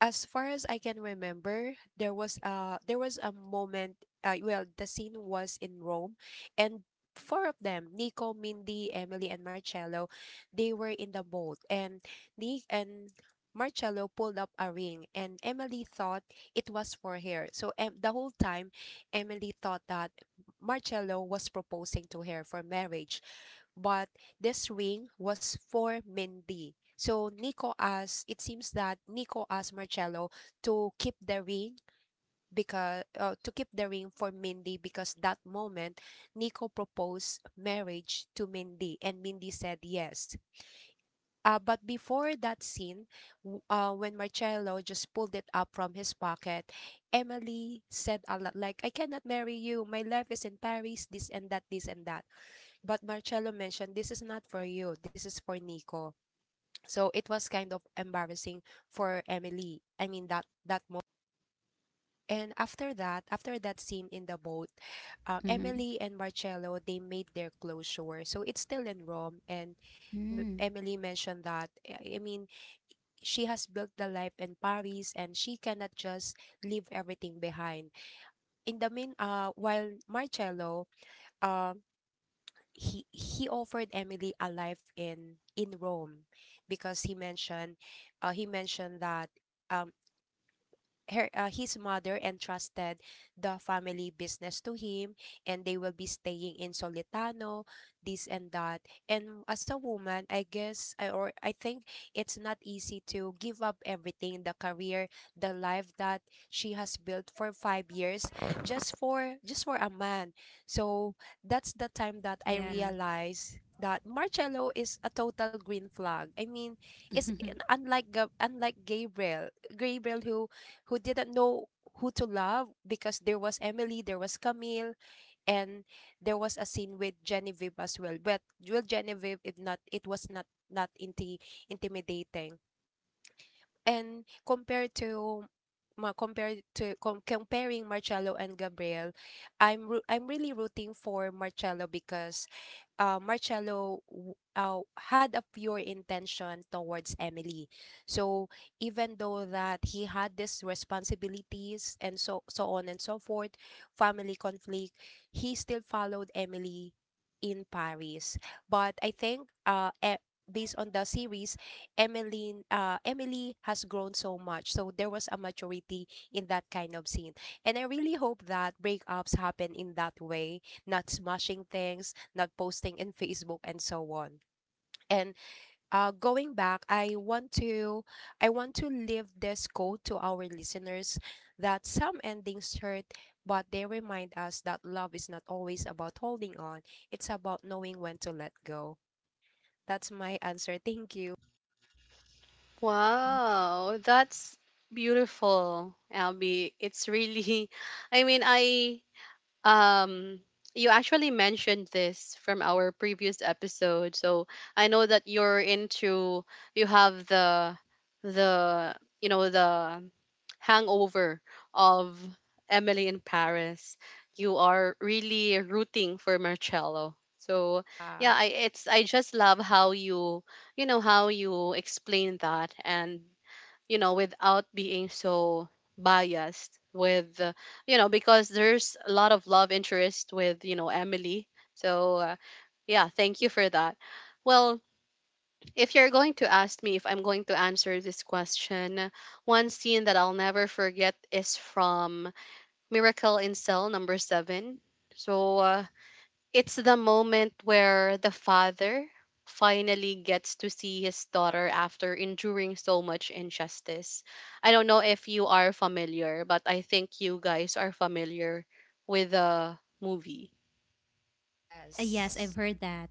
S3: as far as I can remember, there was a moment. The scene was in Rome, and four of them, Nico, Mindy, Emily, and Marcello, they were in the boat, and Nick and Marcello pulled up a ring, and Emily thought it was for her. So the whole time, Emily thought that Marcello was proposing to her for marriage, but this ring was for Mindy. So Nico asked, it seems that Nico asked Marcello to keep the ring because to keep the ring for Mindy because that moment Nico proposed marriage to Mindy and Mindy said yes. But before that scene, when Marcello just pulled it up from his pocket, Emily said a lot like, I cannot marry you. My life is in Paris, this and that, this and that. But Marcello mentioned, this is not for you, this is for Nico. So it was kind of embarrassing for Emily. I mean that moment. And after that scene in the boat,
S2: Mm-hmm.
S3: Emily and Marcello they made their closure. So it's still in Rome, and
S2: Mm,
S3: Emily mentioned that I mean she has built the life in Paris, and she cannot just leave everything behind. In the mean, while, Marcello, um he offered Emily a life in Rome because he mentioned that um her his mother entrusted the family business to him and they will be staying in Solitano, this and that, and as a woman I guess I, or I think it's not easy to give up everything, the career, the life that she has built for 5 years, just for a man. So that's the time that I
S2: yeah.
S3: realized that Marcello is a total green flag. I mean, it's unlike unlike Gabriel who didn't know who to love because there was Emily, there was Camille, and there was a scene with Genevieve as well. But with Genevieve, if not, it was not intimidating. And compared to ma compared to comparing Marcello and Gabriel, I'm I'm really rooting for Marcello because Marcello had a pure intention towards Emily. So even though that he had these responsibilities and so so on and so forth, family conflict, he still followed Emily in Paris. But I think based on the series, Emmeline, Emily has grown so much. So there was a maturity in that kind of scene. And I really hope that breakups happen in that way, not smashing things, not posting in Facebook and so on. And going back, I want to leave this quote to our listeners that some endings hurt, but they remind us that love is not always about holding on. It's about knowing when to let go. That's my answer. Thank you.
S1: Wow, that's beautiful, Albie. It's really, I mean, um, you actually mentioned this from our previous episode. So I know that you're into, you have you know, the hangover of Emily in Paris. You are really rooting for Marcello. So
S3: Yeah.
S1: yeah, I it's, I just love how you, you know, how you explain that, and you know, without being so biased with, you know, because there's a lot of love interest with, you know, Emily. So yeah, thank you for that. Well, if you're going to ask me, if I'm going to answer this question, one scene that I'll never forget is from Miracle in Cell Number Seven. So it's the moment where the father finally gets to see his daughter after enduring so much injustice. I don't know if you are familiar, but I think you guys are familiar with the movie.
S2: Yes, I've
S3: Yes,
S2: heard that.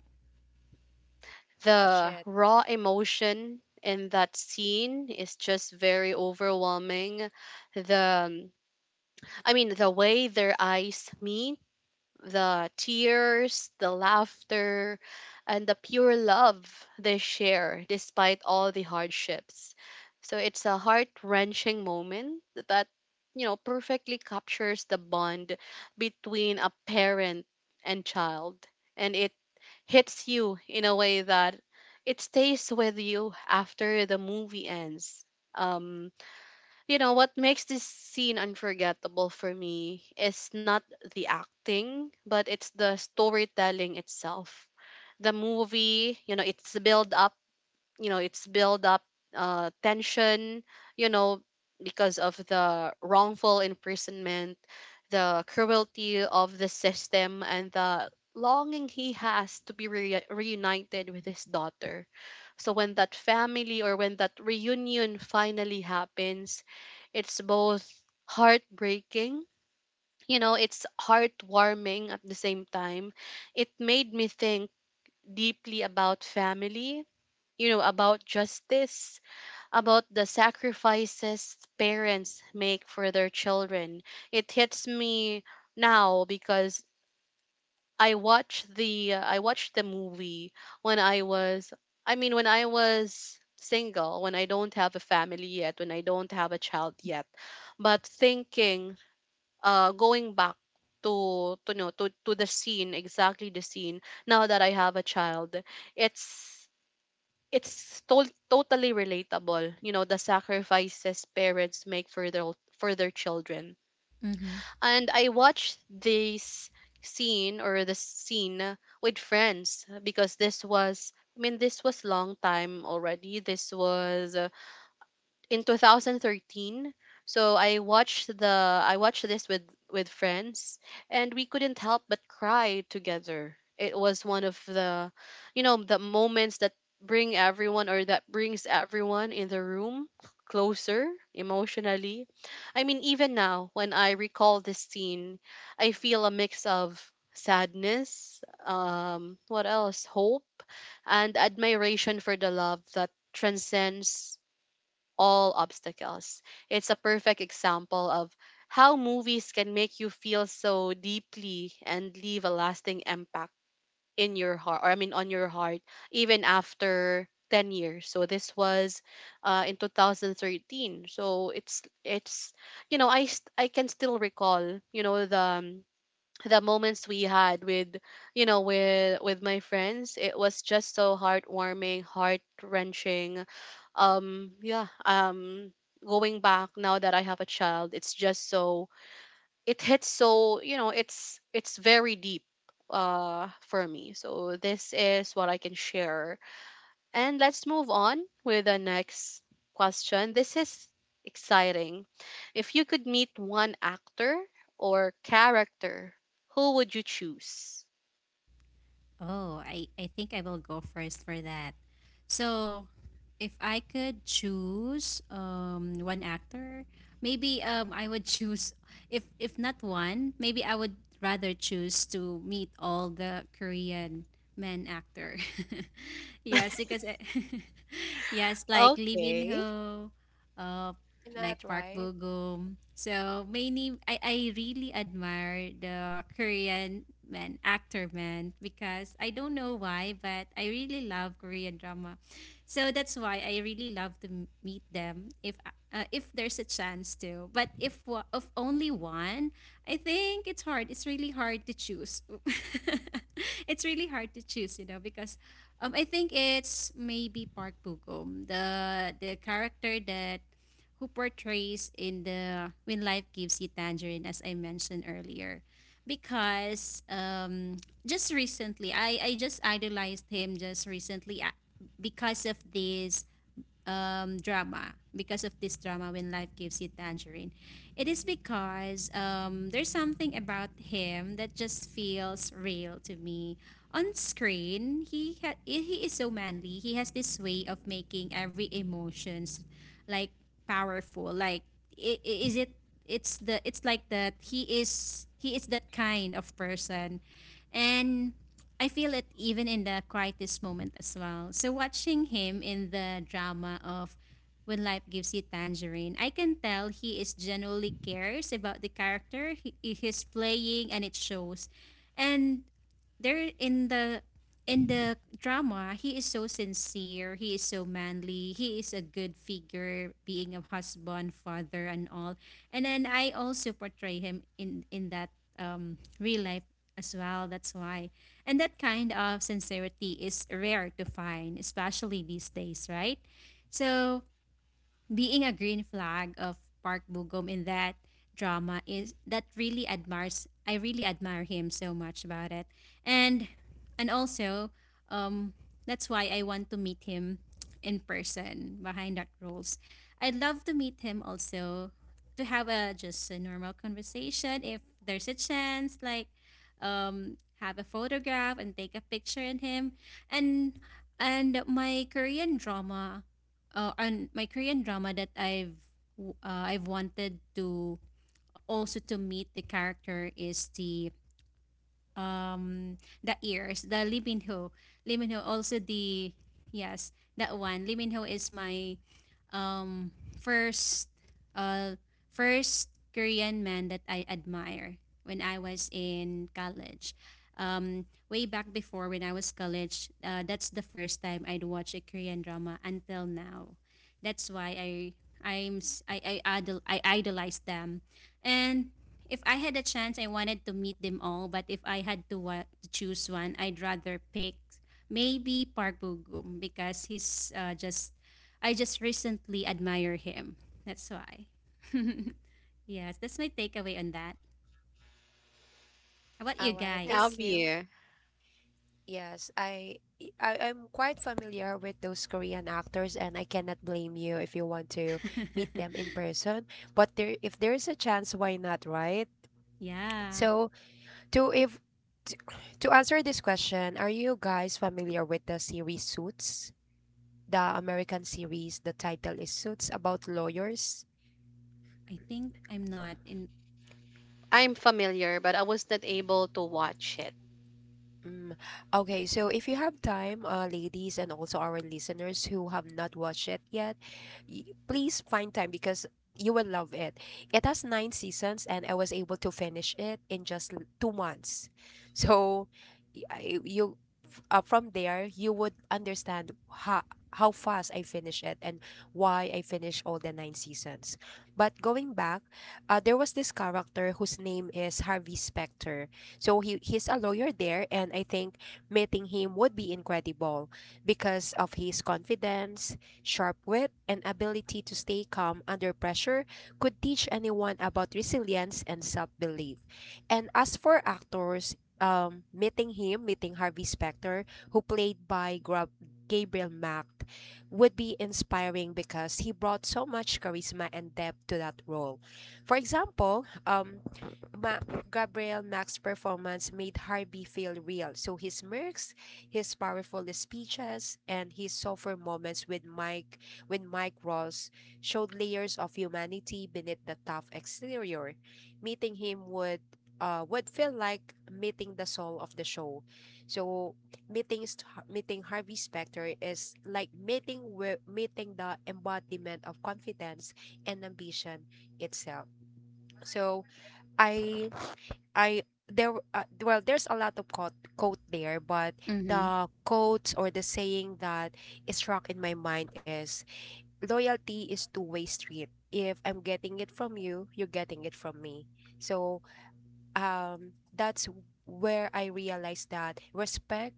S3: I watch
S1: The
S3: it.
S1: raw emotion in that scene is just very overwhelming. The I mean The way their eyes meet, the tears, the laughter, and the pure love they share despite all the hardships. So it's a heart-wrenching moment that, you know, perfectly captures the bond between a parent and child, and it hits you in a way that it stays with you after the movie ends. Um, you know, what makes this scene unforgettable for me is not the acting, but it's the storytelling itself. The movie, you know, it's build up, tension, you know, because of the wrongful imprisonment, the cruelty of the system, and the longing he has to be reunited with his daughter. So when that reunion finally happens, it's both heartbreaking, you know, it's heartwarming at the same time. It made me think deeply about family, you know, about justice, about the sacrifices parents make for their children. It hits me now because I watched the movie when I was, I mean, when I was single, when I don't have a family yet, when I don't have a child yet. But thinking, going back to to the scene, exactly the scene now that I have a child, it's it's totally relatable, you know, the sacrifices parents make for their, for their children.
S2: Mm-hmm.
S1: And I watched this scene, or the scene, with friends. Because this was, I mean, this was long time already. This was in 2013. So I watched this with friends. And we couldn't help but cry together. It was one of the, you know, the moments that brings everyone in the room closer emotionally. I mean, even now when I recall this scene, I feel a mix of sadness, um, what else, hope, and admiration for the love that transcends all obstacles. It's a perfect example of how movies can make you feel so deeply and leave a lasting impact in your heart, or I mean, on your heart, even after 10 years. So this was, in 2013. So it's, you know, I can still recall, you know, the moments we had with, you know, with my friends. It was just so heartwarming, heart wrenching. Um, yeah. Um, going back, now that I have a child, it's just so, it hits so, you know, it's very deep, for me. So this is what I can share. And let's move on with the next question. This is exciting. If you could meet one actor or character, who would you choose?
S2: Oh, I think I will go first for that. So, if I could choose one actor, maybe I would choose, if not one, maybe I would rather choose to meet all the Korean men actor. Yes, because yes, like Lee Min
S1: Okay.
S2: Ho, uh,
S3: Why
S2: like
S3: not,
S2: Park
S3: right?
S2: Bo Gum. So mainly, I really admire the Korean man, actor man, because I don't know why, but I really love Korean drama. So that's why I really love to meet them if there's a chance to. But if of only one, I think it's hard. It's really hard to choose. It's really hard to choose, you know, because I think it's maybe Park Bo Gum, the character that who portrays in the When Life Gives You Tangerine, as I mentioned earlier. Because just recently, I just idolized him just recently because of this drama When Life Gives You Tangerine. It is because there's something about him that just feels real to me on screen. He he is so manly. He has this way of making every emotions like powerful, like I- is it it's the, it's like that he is that kind of person, and I feel it even in the quietest moment as well. So watching him in the drama of When Life Gives You Tangerine, I can tell he is genuinely cares about the character he is playing, and it shows. And there in the drama, he is so sincere, he is so manly, he is a good figure, being a husband, father, and all. And then I also portray him in that real life as well. That's why. And that kind of sincerity is rare to find, especially these days, right? So being a green flag of Park Bugum in that drama is that really admires I really admire him so much about it. And also um that's why I want to meet him in person behind that roles. I'd love to meet him also to have a just a normal conversation, if there's a chance, like have a photograph and take a picture in him. And my Korean drama and my Korean drama that I've wanted to also to meet the character is um the ears the liminho liminho also. The Yes, that one. Liminho is my um first uh first korean man that I admire when I was in college. Way back before, when I was college, that's the first time I'd watch a korean drama until now. That's why I I'm s- I, idol, I idolize them. And if I had a chance, I wanted to meet them all, but if I had to, to choose one, I'd rather pick maybe Park Bo-gum because he's just, I just recently admire him. That's why. Yes, that's my takeaway on that. How about you
S3: All right, thank
S2: guys?
S3: you.
S1: Abby.
S3: Yes, I, I I'm quite familiar with those Korean actors, and I cannot blame you if you want to meet them in person. But there, if there is a chance, why not, right?
S2: Yeah,
S3: So to if to, to answer this question, are you guys familiar with the series Suits? The American series, the title is Suits about lawyers.
S2: I think I'm not in.
S1: I'm familiar, but I was not able to watch it.
S3: Mm, okay, so if you have time, ladies, and also our listeners who have not watched it yet, please find time because you will love it. It has nine seasons, and I was able to finish it in just 2 months. So, y- I- you from there, you would understand how how fast I finished it and why I finished all the nine seasons. But going back, there was this character whose name is Harvey Specter, so he's a lawyer there, and I think meeting him would be incredible because of his confidence, sharp wit, and ability to stay calm under pressure could teach anyone about resilience and self-belief. And as for actors, meeting Harvey Specter, who played by Gabriel Macht, would be inspiring because he brought so much charisma and depth to that role. For example, Ma- Gabriel Mack's performance made Harvey feel real, so his smirks, his powerful speeches, and his softer moments with Mike, when Mike Ross showed layers of humanity beneath the tough exterior. Meeting him would feel like meeting the soul of the show. So meeting Harvey Specter is like meeting the embodiment of confidence and ambition itself. So I I there well there's a lot of quote there, but
S2: Mm-hmm.
S3: the quotes or the saying that is struck in my mind is, loyalty is two-way street. If I'm getting it from you, you're getting it from me. So that's where I realized that respect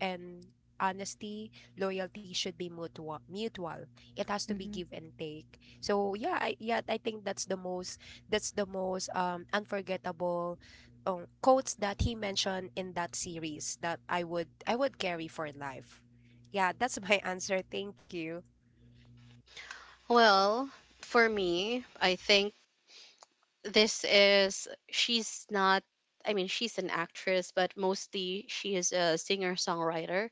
S3: and honesty, loyalty should be mutual. Mutual. It has to be
S2: Mm-hmm.
S3: give and take. So yeah, I think that's the most unforgettable quotes that he mentioned in that series that I would carry for life. Yeah, that's my answer. Thank you.
S1: Well, for me, I think this is, she's not, I mean, she's an actress, but mostly she is a singer-songwriter.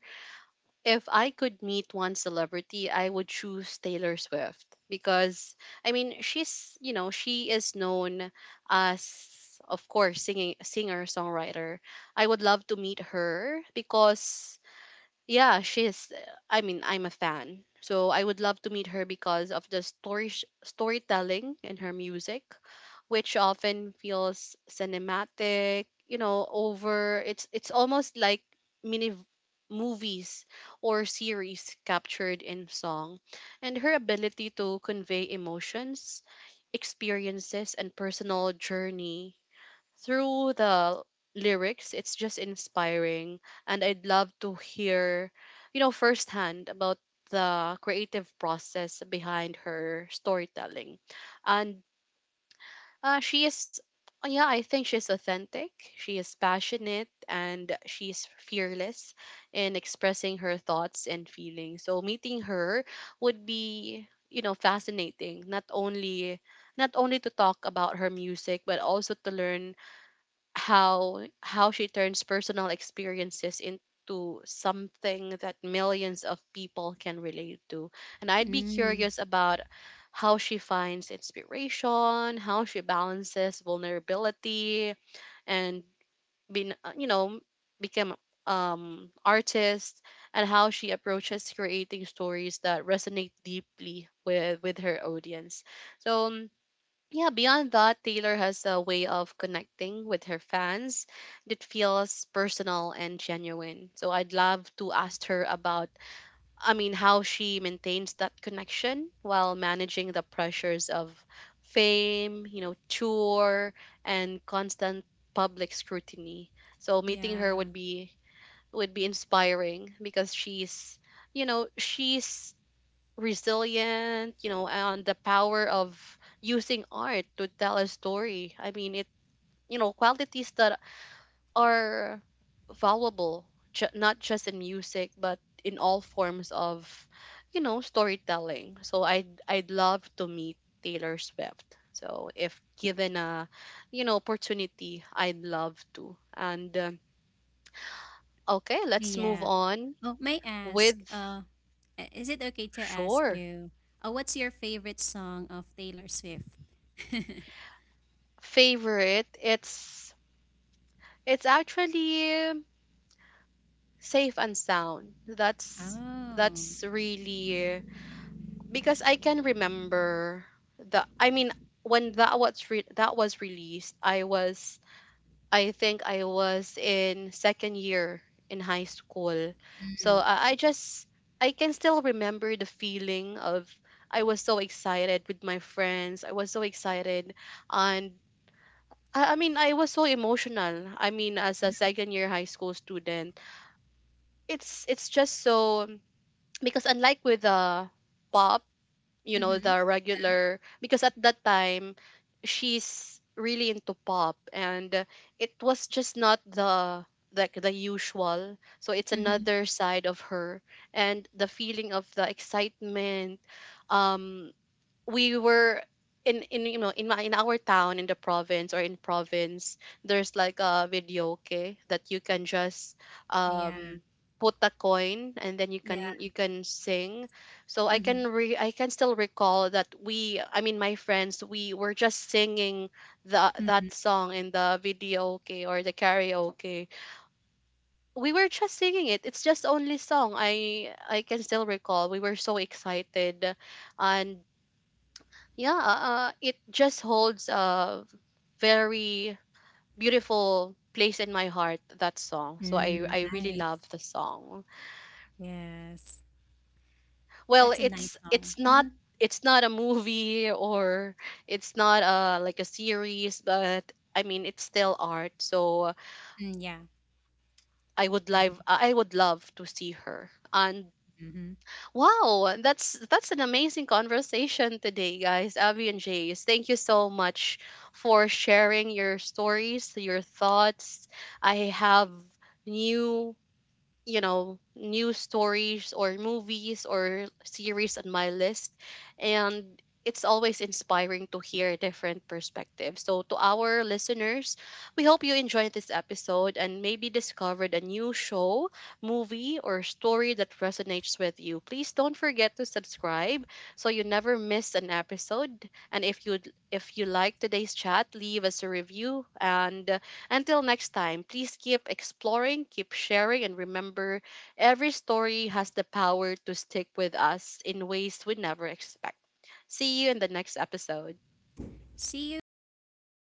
S1: If I could meet one celebrity, I would choose Taylor Swift because, I mean, she's, you know, she is known as, of course, singing, singer songwriter. I would love to meet her because, yeah, she's, I mean, I'm a fan, so I would love to meet her because of the story storytelling in her music, which often feels cinematic. You know, over it's almost like mini v- movies or series captured in song. And her ability to convey emotions, experiences, and personal journey through the lyrics, it's just inspiring. And I'd love to hear, you know, firsthand about the creative process behind her storytelling. And she is, yeah, I think she's authentic, she is passionate, and she's fearless in expressing her thoughts and feelings. So meeting her would be, you know, fascinating, not only, not only to talk about her music, but also to learn how she turns personal experiences into something that millions of people can relate to. And I'd be
S2: Mm,
S1: curious about how she finds inspiration, how she balances vulnerability and being, you know, become artist, and how she approaches creating stories that resonate deeply with her audience. So yeah, beyond that, Taylor has a way of connecting with her fans that feels personal and genuine. So I'd love to ask her about, I mean, how she maintains that connection while managing the pressures of fame, you know, tour, and constant public scrutiny. So meeting her
S2: yeah.
S1: would be, would be inspiring because she's, you know, she's resilient, you know, and the power of using art to tell a story. I mean, it, you know, qualities that are valuable, not just in music, but in all forms of, you know, storytelling. So I'd love to meet Taylor Swift. So if given a, you know, opportunity, I'd love to. And okay, let's move
S2: Yeah.
S1: on
S2: Oh, may I ask,
S1: with,
S2: is it okay to ask
S1: sure,
S2: you, what's your favorite song of Taylor Swift?
S1: favorite. It's actually safe and sound. That's
S2: Oh.
S1: that's really because I can remember the, I mean, when that was that was released, I was, I think I was in second year in high school. So
S2: Mm.
S1: I just, I can still remember the feeling of, I was so excited with my friends. I was so excited. And I mean, I was so emotional. I mean, as a second year high school student, it's just so, because unlike with the pop, you know,
S2: Mm-hmm.
S1: the regular, because at that time she's really into pop and, it was just not the, like the usual. So it's
S2: Mm-hmm.
S1: another side of her. And the feeling of the excitement, um, we were in, you know, in my, in our town, in the province, or in province, there's like a video okay, that you can just,
S2: Yeah.
S1: um, put a coin and then you
S2: Yeah.
S1: can, you can sing. So I
S2: Mm-hmm.
S1: can re I can still recall that we, I mean my friends, we were just singing the
S2: Mm-hmm.
S1: that song in the video okay, or the karaoke, we were just singing it. It's just only song, I can still recall we were so excited. And yeah, it just holds a very beautiful place in my heart, that song. So i
S2: Mm,
S1: i really love
S2: nice.
S1: the song.
S2: Yes.
S1: Well,
S2: That's a
S1: it's
S2: nice song.
S1: it's not,
S2: Mm-hmm.
S1: it's not a movie, or it's not a like a series, but I mean, it's still art. So
S2: Mm, yeah.
S1: I would live I would love to see her. And
S2: Mm-hmm.
S1: wow, that's an amazing conversation today, guys. Abby and Jace, thank you so much for sharing your stories, your thoughts. I have new, you know, news stories or movies or series on my list. And it's always inspiring to hear different perspectives. So to our listeners, we hope you enjoyed this episode and maybe discovered a new show, movie, or story that resonates with you. Please don't forget to subscribe so you never miss an episode. And if you, if you like today's chat, leave us a review. And until next time, please keep exploring, keep sharing, and remember every story has the power to stick with us in ways we never expect. See you in the next episode.
S2: See you, and thank you.